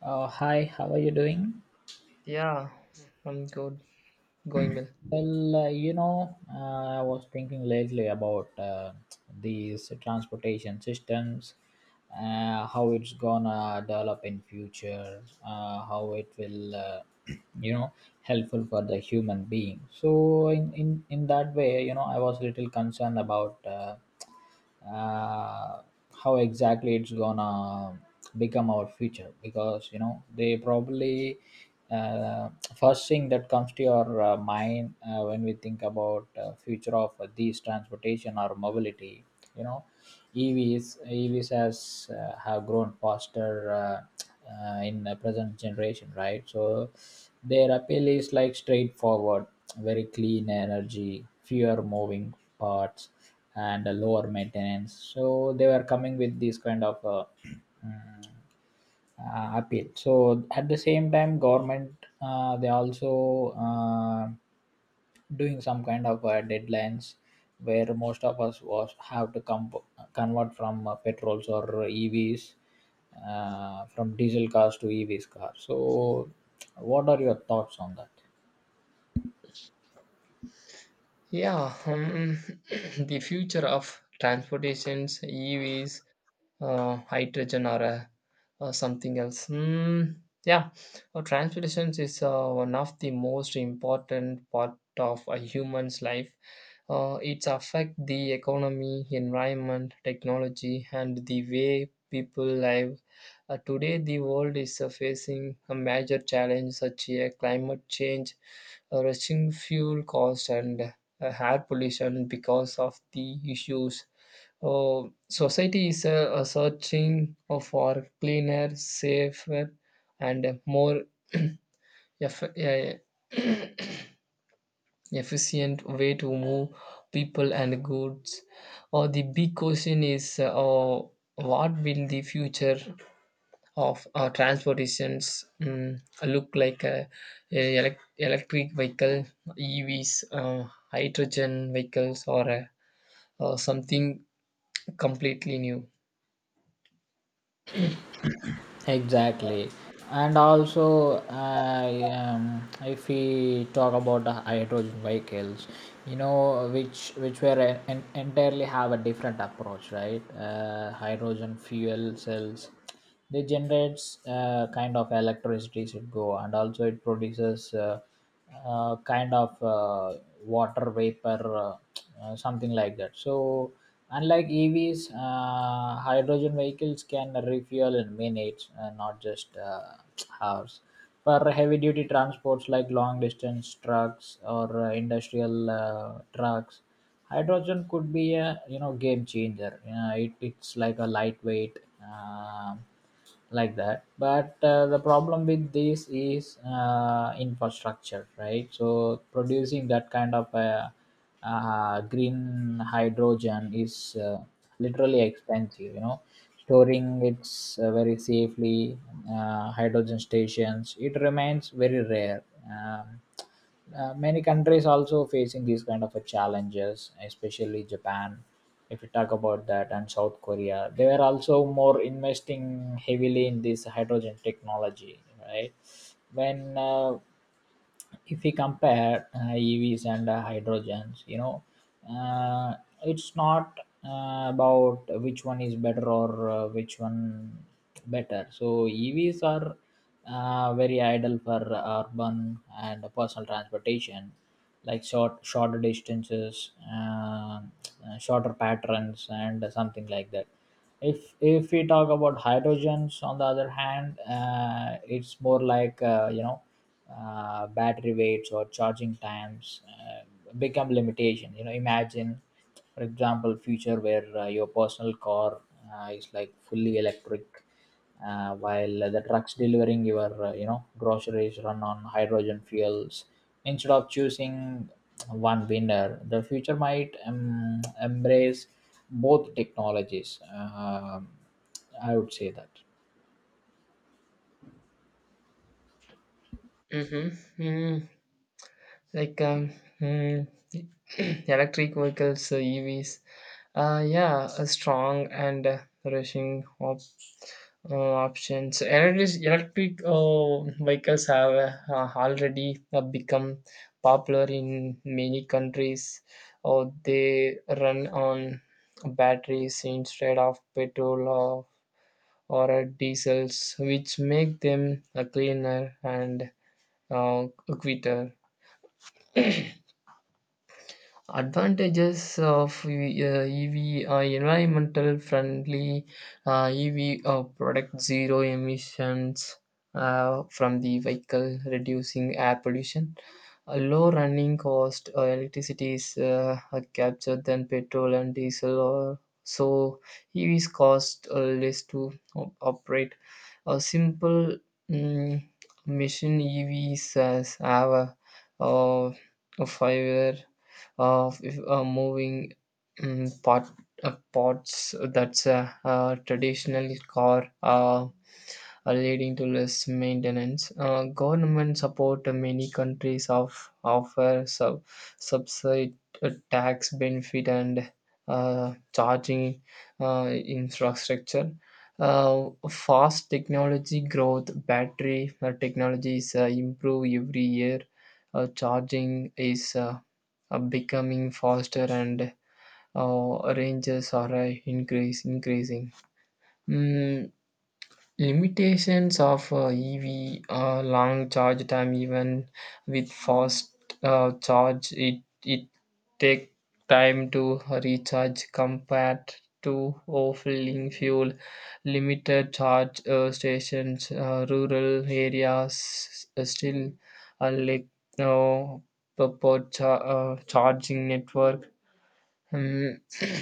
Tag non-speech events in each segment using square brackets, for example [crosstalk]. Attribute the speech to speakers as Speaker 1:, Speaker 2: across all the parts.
Speaker 1: Hi, how are you doing?
Speaker 2: Yeah, I'm good. Going well.
Speaker 1: Well, I was thinking lately about these transportation systems, how it's gonna develop in future, how it will, [clears throat] you know, helpful for the human being. So in that way, you know, I was a little concerned about. uh, how exactly it's gonna become our future because you know they probably uh, first thing that comes to your mind when we think about future of these transportation or mobility, you know evs has have grown faster, in the present generation, right? So their appeal is like straightforward: very clean energy, fewer moving parts, and lower maintenance. So they were coming with this kind of [clears throat] mm, appeal. So at the same time, government, they also doing some kind of deadlines where most of us was have to come, convert from petrols or EVs, from diesel cars to EVs cars. So what are your thoughts on that?
Speaker 2: Yeah, [clears throat] the future of transportations, EVs, hydrogen or something else. Hmm. Yeah, transportation is one of the most important part of a human's life. It affects the economy, environment, technology, and the way people live. Today, the world is facing a major challenge such as climate change, rising fuel cost, and air pollution because of the issues. Oh, society is searching for cleaner, safer, and more [clears throat] eff- eh, [clears throat] efficient way to move people and goods. Or the big question is, oh, what will the future of transportations look like? Electric vehicle, EVs, hydrogen vehicles, or something completely new.
Speaker 1: Exactly. And also I if we talk about the hydrogen vehicles, you know, which were entirely have a different approach, right? Uh, hydrogen fuel cells, they generates kind of electricity should go, and also it produces kind of water vapor, uh, something like that. So, unlike EVs, hydrogen vehicles can refuel in minutes, not just [tsk] hours. For heavy duty transports like long distance trucks or industrial trucks, hydrogen could be a, you know, game changer. It's like a lightweight. um like that, but the problem with this is infrastructure, right? So producing that kind of green hydrogen is literally expensive, you know, storing it's very safely, hydrogen stations, it remains very rare. um, Many countries also facing these kind of a challenges, especially Japan, if you talk about that, and South Korea. They are also more investing heavily in this hydrogen technology, right? when If we compare evs and hydrogens, you know, uh, it's not about which one is better, or which one better. So evs are very ideal for urban and personal transportation, like shorter distances, shorter patterns, and something like that. If we talk about hydrogens, on the other hand, it's more like, battery weights or charging times become limitation. You know, imagine, for example, future where your personal car is like fully electric, while the trucks delivering your, groceries run on hydrogen fuels. Instead of choosing one winner, the future might embrace both technologies. I would say that.
Speaker 2: Mm-hmm. Like mm, [clears throat] electric vehicles, EVs, yeah, a strong and rushing uh, options. Electric vehicles have already become popular in many countries, or they run on batteries instead of petrol or diesels, which make them cleaner and uh, quicker. Advantages of EV, environmental friendly, EV product zero emissions from the vehicle, reducing air pollution. A low running cost, electricity is captured than petrol and diesel, or so EVs cost less to operate. A simple mm, mission. EVs has have uh, a 5 year of if, moving, pot, pots, that's a, traditional car, leading to less maintenance. Government support, many countries of offer sub subside, tax benefit and charging infrastructure. Fast technology growth, battery technologies improve every year, charging is, are becoming faster, and ranges are increase increasing. Mm, Limitations of EV: long charge time, even with fast charge it take time to recharge compared to overfilling fuel, limited charge stations, rural areas still like no proper charging network. Mm,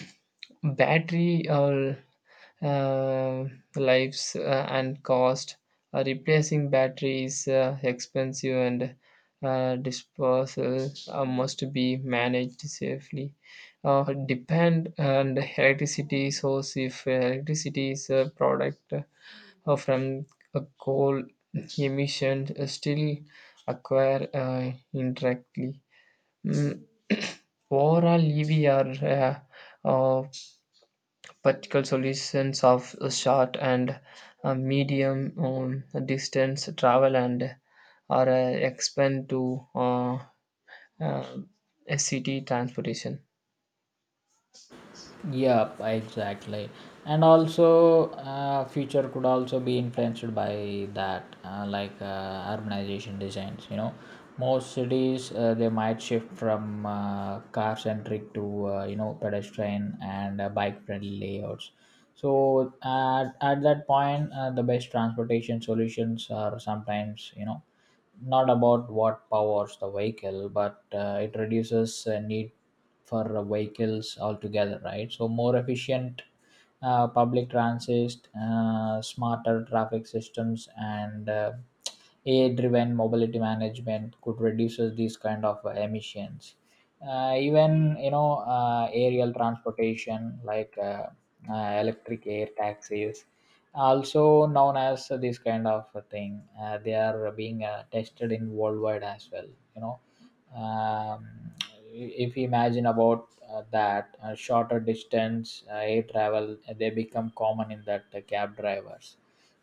Speaker 2: [clears throat] battery or uh, lives and cost. Replacing battery is expensive and disposal must be managed safely. Depend on the electricity source, if electricity is a product from a coal, emission still acquire indirectly. Mm, overall EV are uh, particle solutions of short and medium, distance travel, and are expand to uh, SCT transportation.
Speaker 1: Yep, exactly. And also, future could also be influenced by that, like urbanization designs. You know, most cities they might shift from car centric to, pedestrian and bike friendly layouts. So at that point, the best transportation solutions are sometimes, you know, not about what powers the vehicle, but it reduces need for vehicles altogether, right? So more efficient public transit, smarter traffic systems, and ai driven mobility management could reduce these kind of emissions. Even, you know, aerial transportation like electric air taxis, also known as this kind of a thing, they are being tested in worldwide as well, you know. um, if you imagine about that shorter distance air travel, they become common in that cab drivers.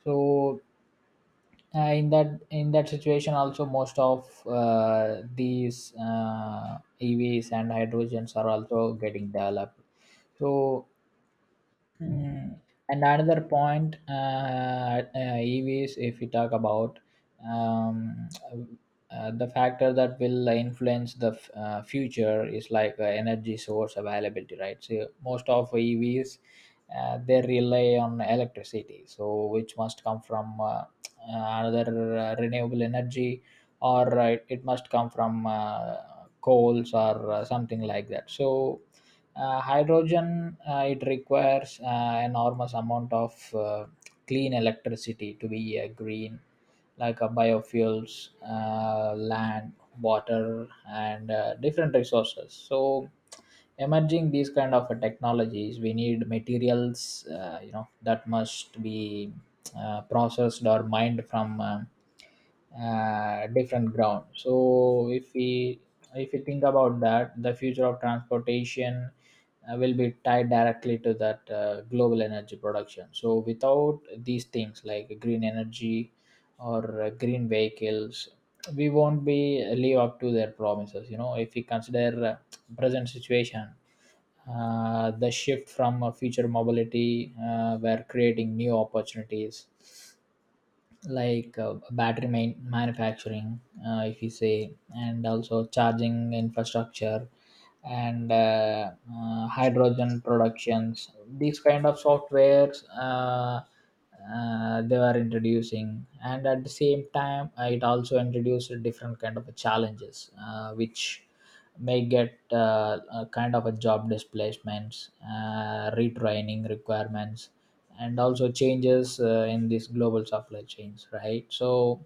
Speaker 1: So in that situation also, most of these evs and hydrogens are also getting developed, so. Mm. And another point, EVs, if we talk about, um, the factor that will influence the future is like energy source availability, right? So most of EVs they rely on electricity, so which must come from another renewable energy, or it must come from coals or something like that. So hydrogen, it requires enormous amount of clean electricity to be green, like biofuels, land, water, and different resources. So emerging these kind of technologies, we need materials, you know, that must be processed or mined from different ground. So if you think about that, the future of transportation will be tied directly to that global energy production. So without these things like green energy or green vehicles, we won't be live up to their promises, you know. If we consider present situation, the shift from future mobility were creating new opportunities like battery manufacturing, if you say, and also charging infrastructure, and hydrogen productions. These kind of softwares, they were introducing, and at the same time it also introduced different kind of challenges which may get a kind of a job displacements, retraining requirements, and also changes in these global supply chains, right? So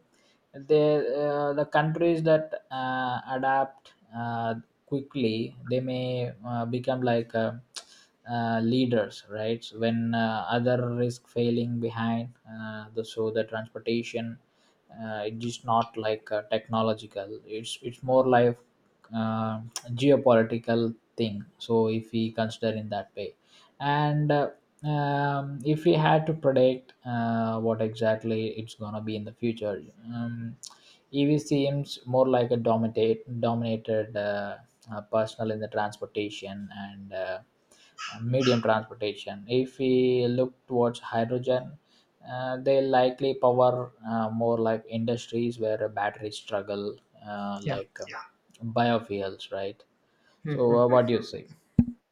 Speaker 1: the the countries that adapt quickly, they may become like leaders, right? So when other risk failing behind, the transportation, it is not like technological, it's more like uh, geopolitical thing. So if we consider in that way, and if we had to predict what exactly it's gonna be in the future, ev seems more like a dominated personal in the transportation and medium transportation. If we look towards hydrogen, they likely power more like industries where batteries struggle,
Speaker 2: Yeah.
Speaker 1: like Yeah. biofuels, right? So
Speaker 2: Hmm.
Speaker 1: what do you say?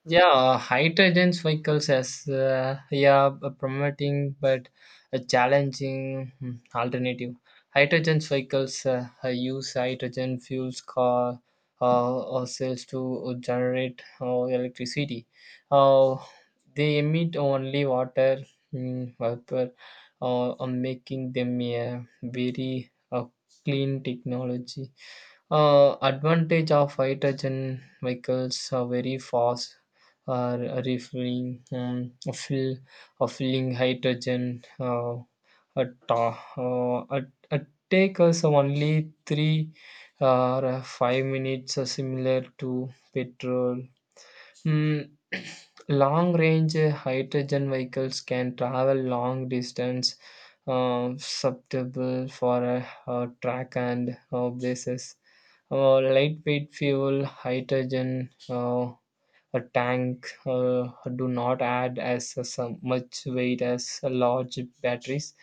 Speaker 2: Yeah, hydrogen vehicles as yeah a promoting but a challenging alternative. Hydrogen vehicles use hydrogen fuels car or cells to generate electricity. Uh, they emit only water vapor, making them a very clean technology. Advantage of hydrogen vehicles are very fast uh, refilling, filling hydrogen at, uh, uh, at, at take us only 3 or 5 minutes, similar to petrol. Mm, [coughs] [clears throat] long range, hydrogen vehicles can travel long distance, suitable for a, track and bases. Lightweight fuel, hydrogen a tank do not add as some much weight as large batteries.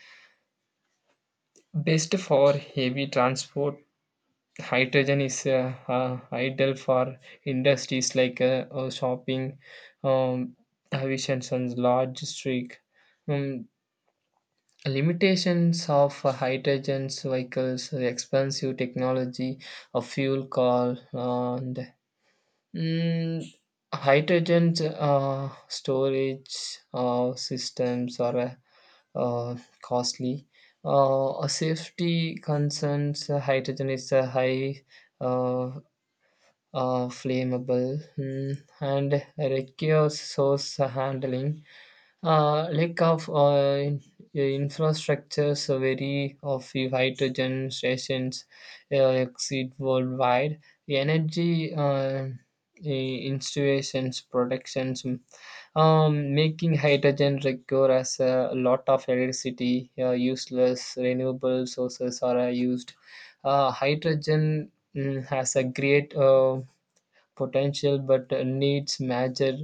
Speaker 2: Best for heavy transport. Hydrogen is ideal for industries like shopping, um, aviation, and large streak. Um, limitations of hydrogen vehicles: expensive technology, a fuel call, and Mm, hydrogen storage systems are uh, costly. A safety concerns, hydrogen is a high uh, flammable and requires source handling. Lack of infrastructures, so very of the hydrogen stations exist worldwide. Energy installations, productions, making hydrogen require as a lot of electricity. Useless renewable sources are used. Hydrogen has a great potential but needs major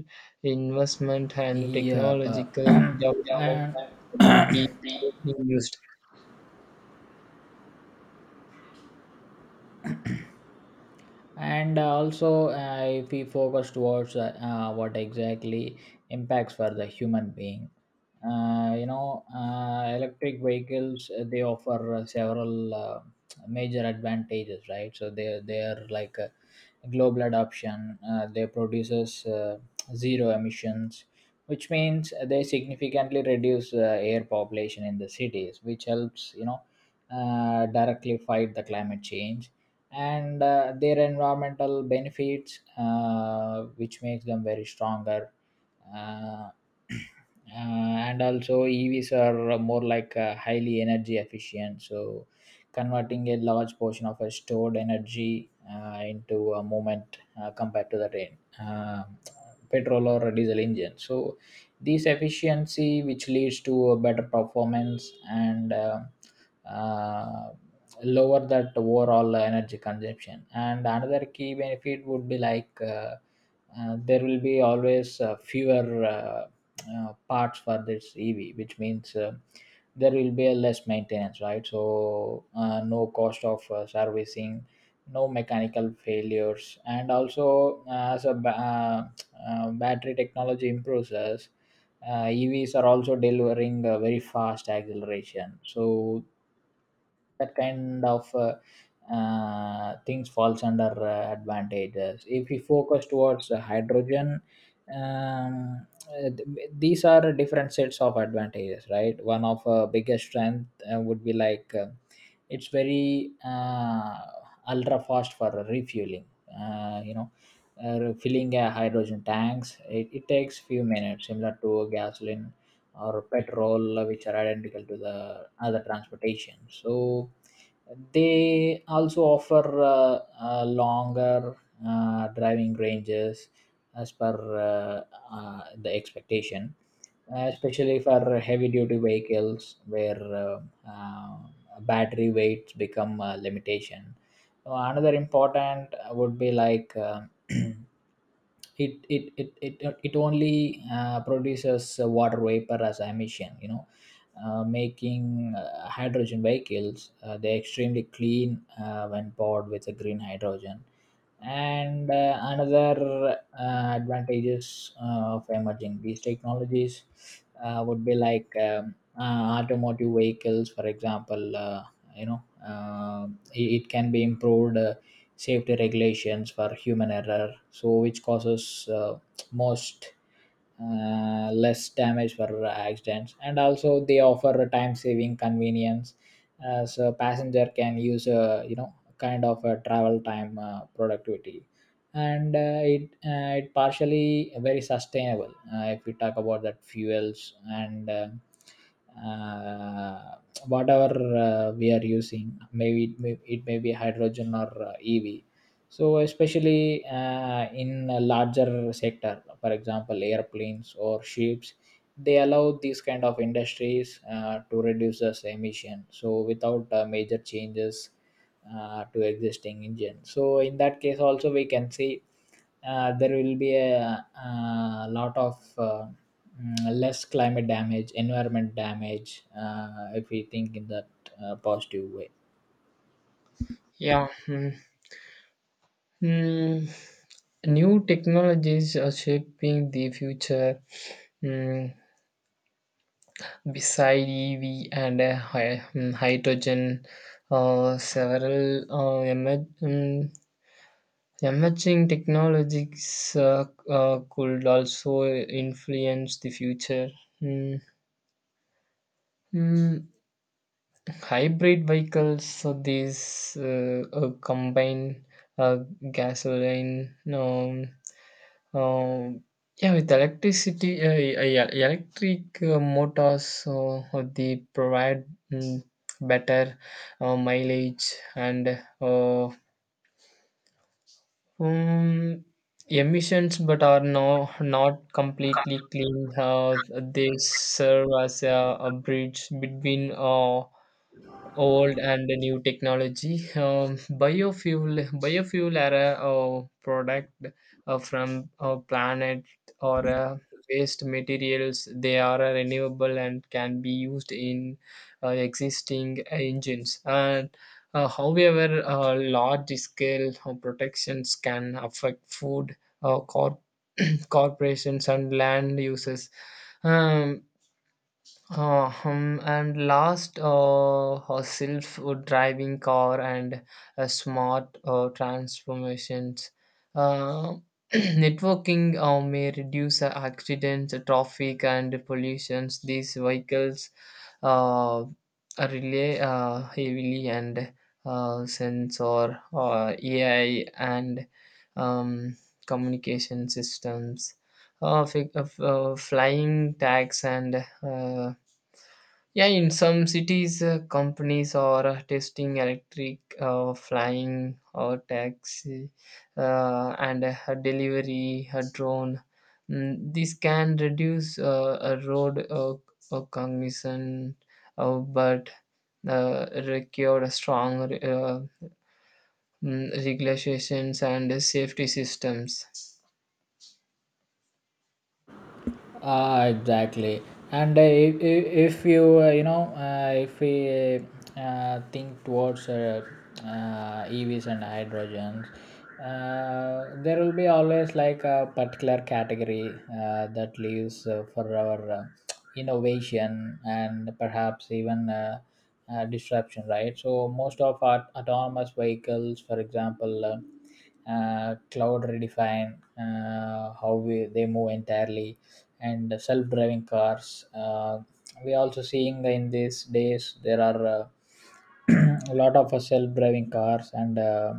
Speaker 2: investment and
Speaker 1: Yeah, but,
Speaker 2: technological
Speaker 1: [clears throat] Yeah.
Speaker 2: development
Speaker 1: and
Speaker 2: would be being used.
Speaker 1: and uh, also, if we focus towards what exactly impacts for the human being, electric vehicles, they offer several major advantages, right? So they are like a global adoption, they produces zero emissions, which means they significantly reduce air population in the cities, which helps, you know, directly fight the climate change, and their environmental benefits which makes them very stronger. uh, [clears throat] uh, and also evs are more like highly energy efficient, so converting a large portion of a stored energy into a moment compared to the train petrol or diesel engine. So this efficiency, which leads to a better performance and uh, lower that overall energy consumption. And another key benefit would be like, there will be always fewer parts for this ev, which means there will be a less maintenance, right? So no cost of servicing, no mechanical failures. And also as a battery technology improves us, EVs are also delivering a very fast acceleration. So that kind of things falls under advantages. If we focus towards hydrogen, these are different sets of advantages, right? One of biggest strength would be like it's very ultra fast for refueling. You know, filling a hydrogen tanks, it takes few minutes, similar to gasoline or petrol, which are identical to the other transportation. So they also offer longer driving ranges, as per the expectation, especially for heavy duty vehicles where uh, battery weights become a limitation. Another important would be like [clears throat] it it it it it only produces water vapor as emission, you know, making hydrogen vehicles, they're extremely clean when powered with a green hydrogen. And another advantages of emerging these technologies would be like, automotive vehicles, for example, you know uh, it can be improved, safety regulations for human error, so which causes most less damage for accidents. And also they offer a time saving convenience, as a passenger can use a, you know, kind of a travel time productivity. And it partially very sustainable, if we talk about that fuels and uh, whatever we are using, maybe it may be hydrogen or ev. So especially in a larger sector, for example, airplanes or ships, they allow these kind of industries to reduce this emission, so without major changes to existing engine. So in that case also we can see there will be a, lot of less climate damage, environment damage, if we think in that positive way.
Speaker 2: Yeah. Mm. Mm, new technologies are shaping the future. Mm, beside EV and hydrogen, several emerging technologies could also influence the future. Mm, mm, hybrid vehicles, so these combine uh, gasoline, um, yeah, with electricity, yeah, electric motors, so they provide mm, better mileage and um, emissions, but are no, not completely clean. They serve as a bridge between old and the new technology. Biofuel are a, product from a planet or waste materials. They are renewable and can be used in existing engines. And however, large-scale protections can affect food, uh, cor- [clears throat] corporations, and land uses. Um, and last, a self-driving car and smart transformations. Uh, [clears throat] networking may reduce accidents, traffic, and pollutions. These vehicles uh, relay heavily and sensor, AI, and um, communication systems, flying tags, and yeah, in some cities, companies are testing electric flying or taxi and a delivery, a drone. This can reduce a road commission, but require strong regulations and safety systems.
Speaker 1: Ah, exactly. And if you you know if we think towards EVs and hydrogens. There will be always like a particular category that leaves for our innovation and perhaps even disruption, right? So most of our autonomous vehicles, for example. Cloud redefine how we, they move entirely, and self-driving cars uh, we also seeing in these days there are [clears throat] a lot of self-driving cars and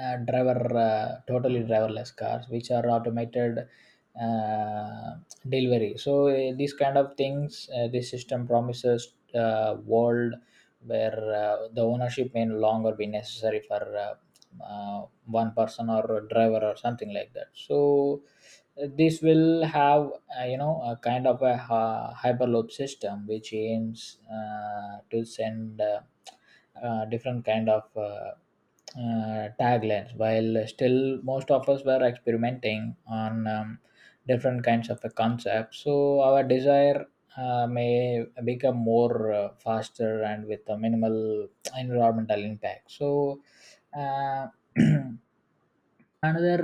Speaker 1: driver totally driverless cars which are automated uh, delivery. So these kind of things, this system promises world where the ownership may no longer be necessary for one person or a driver or something like that. So this will have a kind of a hyperloop system which aims to send different kind of taglines, while still most of us were experimenting on different kinds of a concept. So our desire may become more faster and with a minimal environmental impact. Uh, [clears throat] Another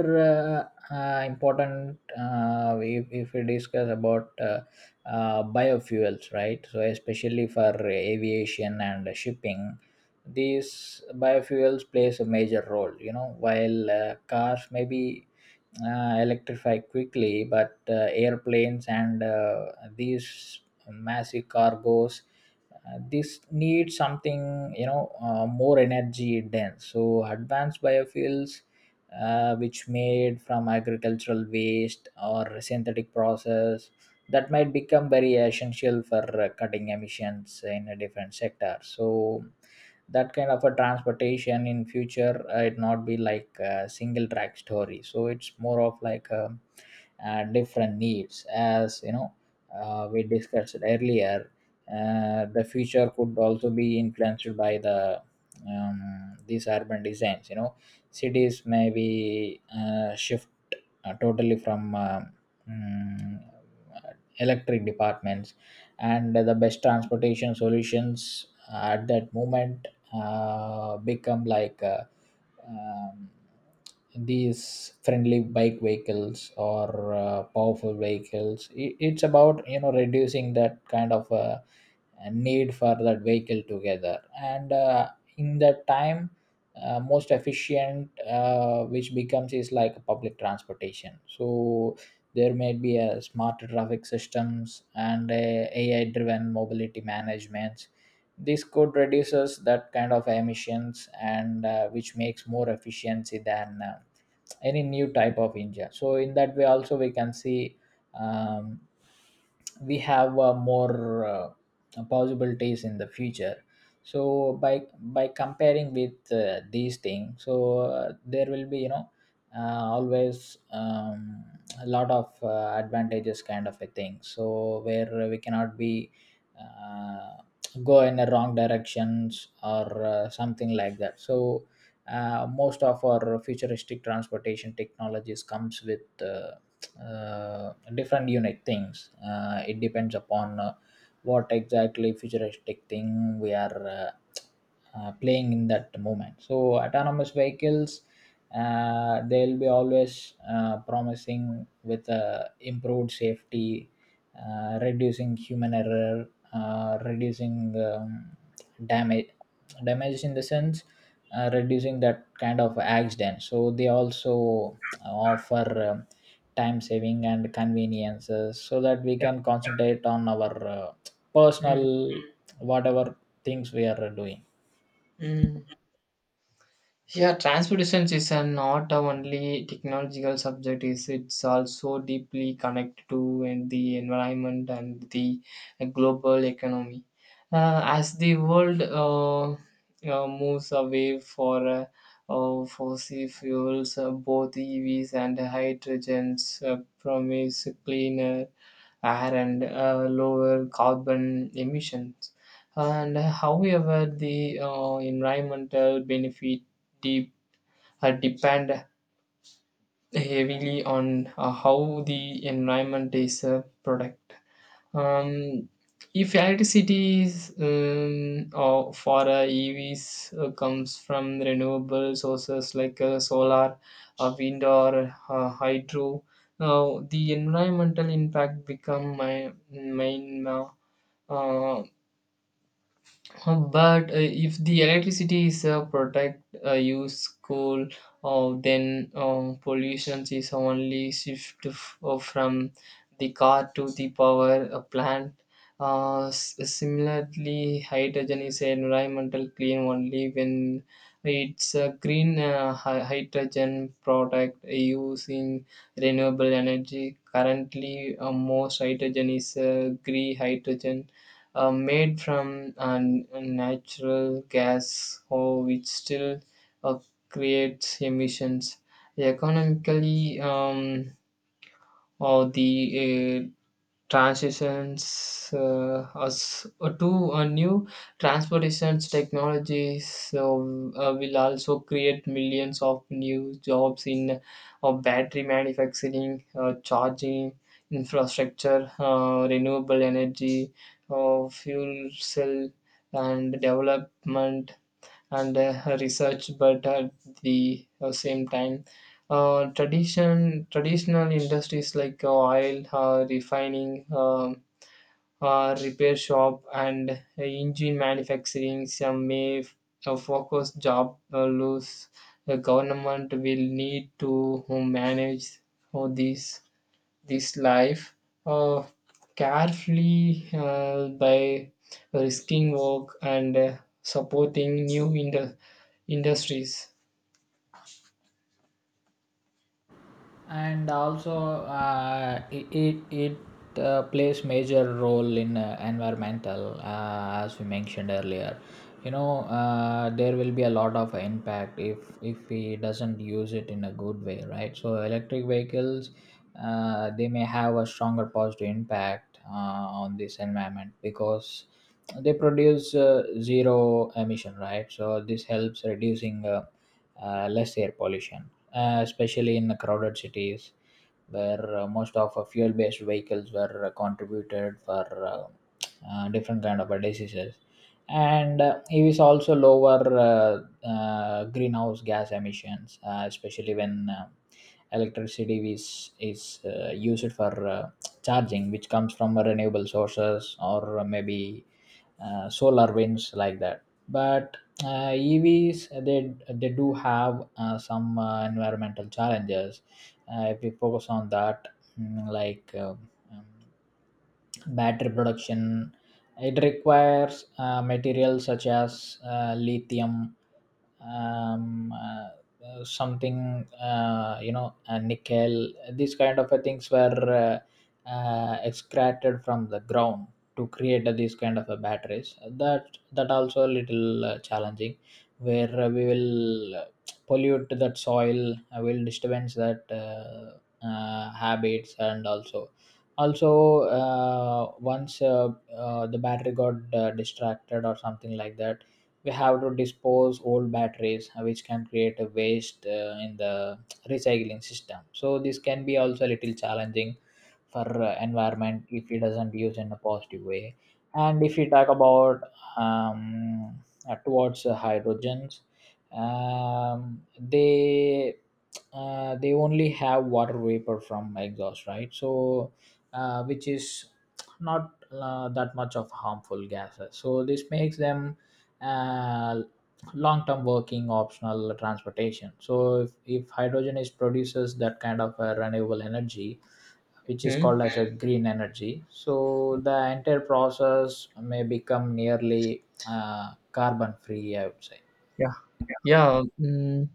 Speaker 1: uh, important, if we discuss about biofuels, right? So especially for aviation and shipping, these biofuels plays a major role, you know. While cars may be electrified quickly, but airplanes and these massive cargos, this need something, you know, more energy dense. So advanced biofuels, which made from agricultural waste or synthetic process, that might become very essential for cutting emissions in a different sector. So that kind of a transportation in future, it not be like a single track story. So it's more of like a different needs. As you know, we discussed earlier, the future could also be influenced by the these urban designs, you know. Cities may be shift totally from mm, electric departments, and the best transportation solutions at that moment become like um, these friendly bike vehicles or powerful vehicles. I- it's about, you know, reducing that kind of a need for that vehicle together. And in that time, most efficient which becomes is like public transportation. So there may be a smarter traffic systems and a ai driven mobility management. This could reduces that kind of emissions and which makes more efficiency than any new type of india. So in that way, also we can see um, we have more uh, possibilities in the future. So by comparing with these things, so there will be, you know, always a lot of advantages kind of a thing. So where we cannot be uh, go in the wrong directions or something like that. So most of our futuristic transportation technologies comes with different unique things. It depends upon what exactly futuristic thing we are playing in that moment. So autonomous vehicles, they'll be always promising with improved safety, reducing human error, reducing um, damage, damage in the sense, reducing that kind of accident. So they also offer um, time saving and conveniences, so that we can concentrate on our
Speaker 2: Mm,
Speaker 1: personal whatever things we are doing.
Speaker 2: mm. Yeah, transportation is a not a only technological subject. Is, it's also deeply connected to in the environment and the global economy. As the world moves away for fossil fuels, both EVs and hydrogens promise cleaner air and lower carbon emissions. And however, the environmental benefit de- depend heavily on how the environment is product. Um, if electricity is, or for EVs comes from renewable sources like solar, wind, or hydro, now the environmental impact become my main uh, But if the electricity is protect use coal, then pollution is only shift from the car to the power plant. Similarly, hydrogen is environmental clean only when it's a green hydrogen product using renewable energy. Currently, most hydrogen is green hydrogen made from natural gas, oh, which still uh, creates emissions. Economically, or the transitions us to a new transportation technologies, so will also create millions of new jobs in battery manufacturing, charging infrastructure, renewable energy, fuel cell and development, and research. But at the same time, traditional industries like oil refining, repair shop and engine manufacturing some may focus job lose. The government will need to manage all these this life uh, carefully by risking work and supporting new industries.
Speaker 1: And also, it plays major role in environmental. Uh, as we mentioned earlier, you know, there will be a lot of impact if we doesn't use it in a good way, right? So electric vehicles, they may have a stronger positive impact on this environment, because they produce zero emission, right? So this helps reducing less air pollution, especially in the crowded cities, where most of fuel based vehicles were contributed for different kind of diseases. And evs also lower greenhouse gas emissions, especially when electricity is used for fast charging, which comes from renewable sources, or maybe solar winds like that. But evs, they do have some environmental challenges if we focus on that. Like um, battery production, it requires materials such as lithium, um, uh, something, you know, nickel. These kind of things were extracted from the ground to create these kind of batteries. That that also a little challenging, where we will pollute that soil, will disturbance that habits. And also also once the battery got distracted or something like that, we have to dispose old batteries, which can create a waste in the recycling system. So this can be also a little challenging for environment if it doesn't use in a positive way. And if we talk about um, towards hydrogens, um, they they only have water vapor from exhaust, right? So which is not that much of harmful gases. So this makes them uh, long-term working optional transportation. So if hydrogen is produces that kind of a renewable energy, which is called
Speaker 2: Mhm.
Speaker 1: as a green energy, so the entire process may become nearly carbon-free, I would say.
Speaker 2: Yeah. Yeah, mm,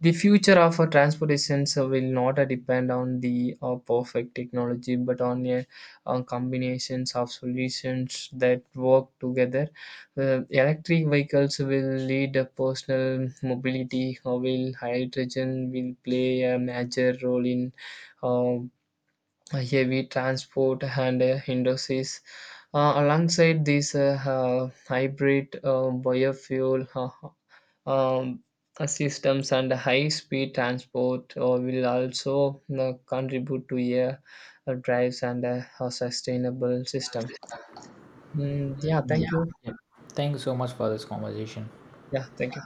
Speaker 2: the future of our transportation so will not depend on the perfect technology, but on a, combinations of solutions that work together. Electric vehicles will lead a personal mobility, while hydrogen will play a major role in uh, heavy transport and industries. Alongside this hybrid, biofuel, systems and high-speed transport will also contribute to a drives and a sustainable system. Yeah,
Speaker 1: Mm. Yeah.
Speaker 2: thank you.
Speaker 1: Yeah. Thank you so much for this conversation.
Speaker 2: Yeah, thank you.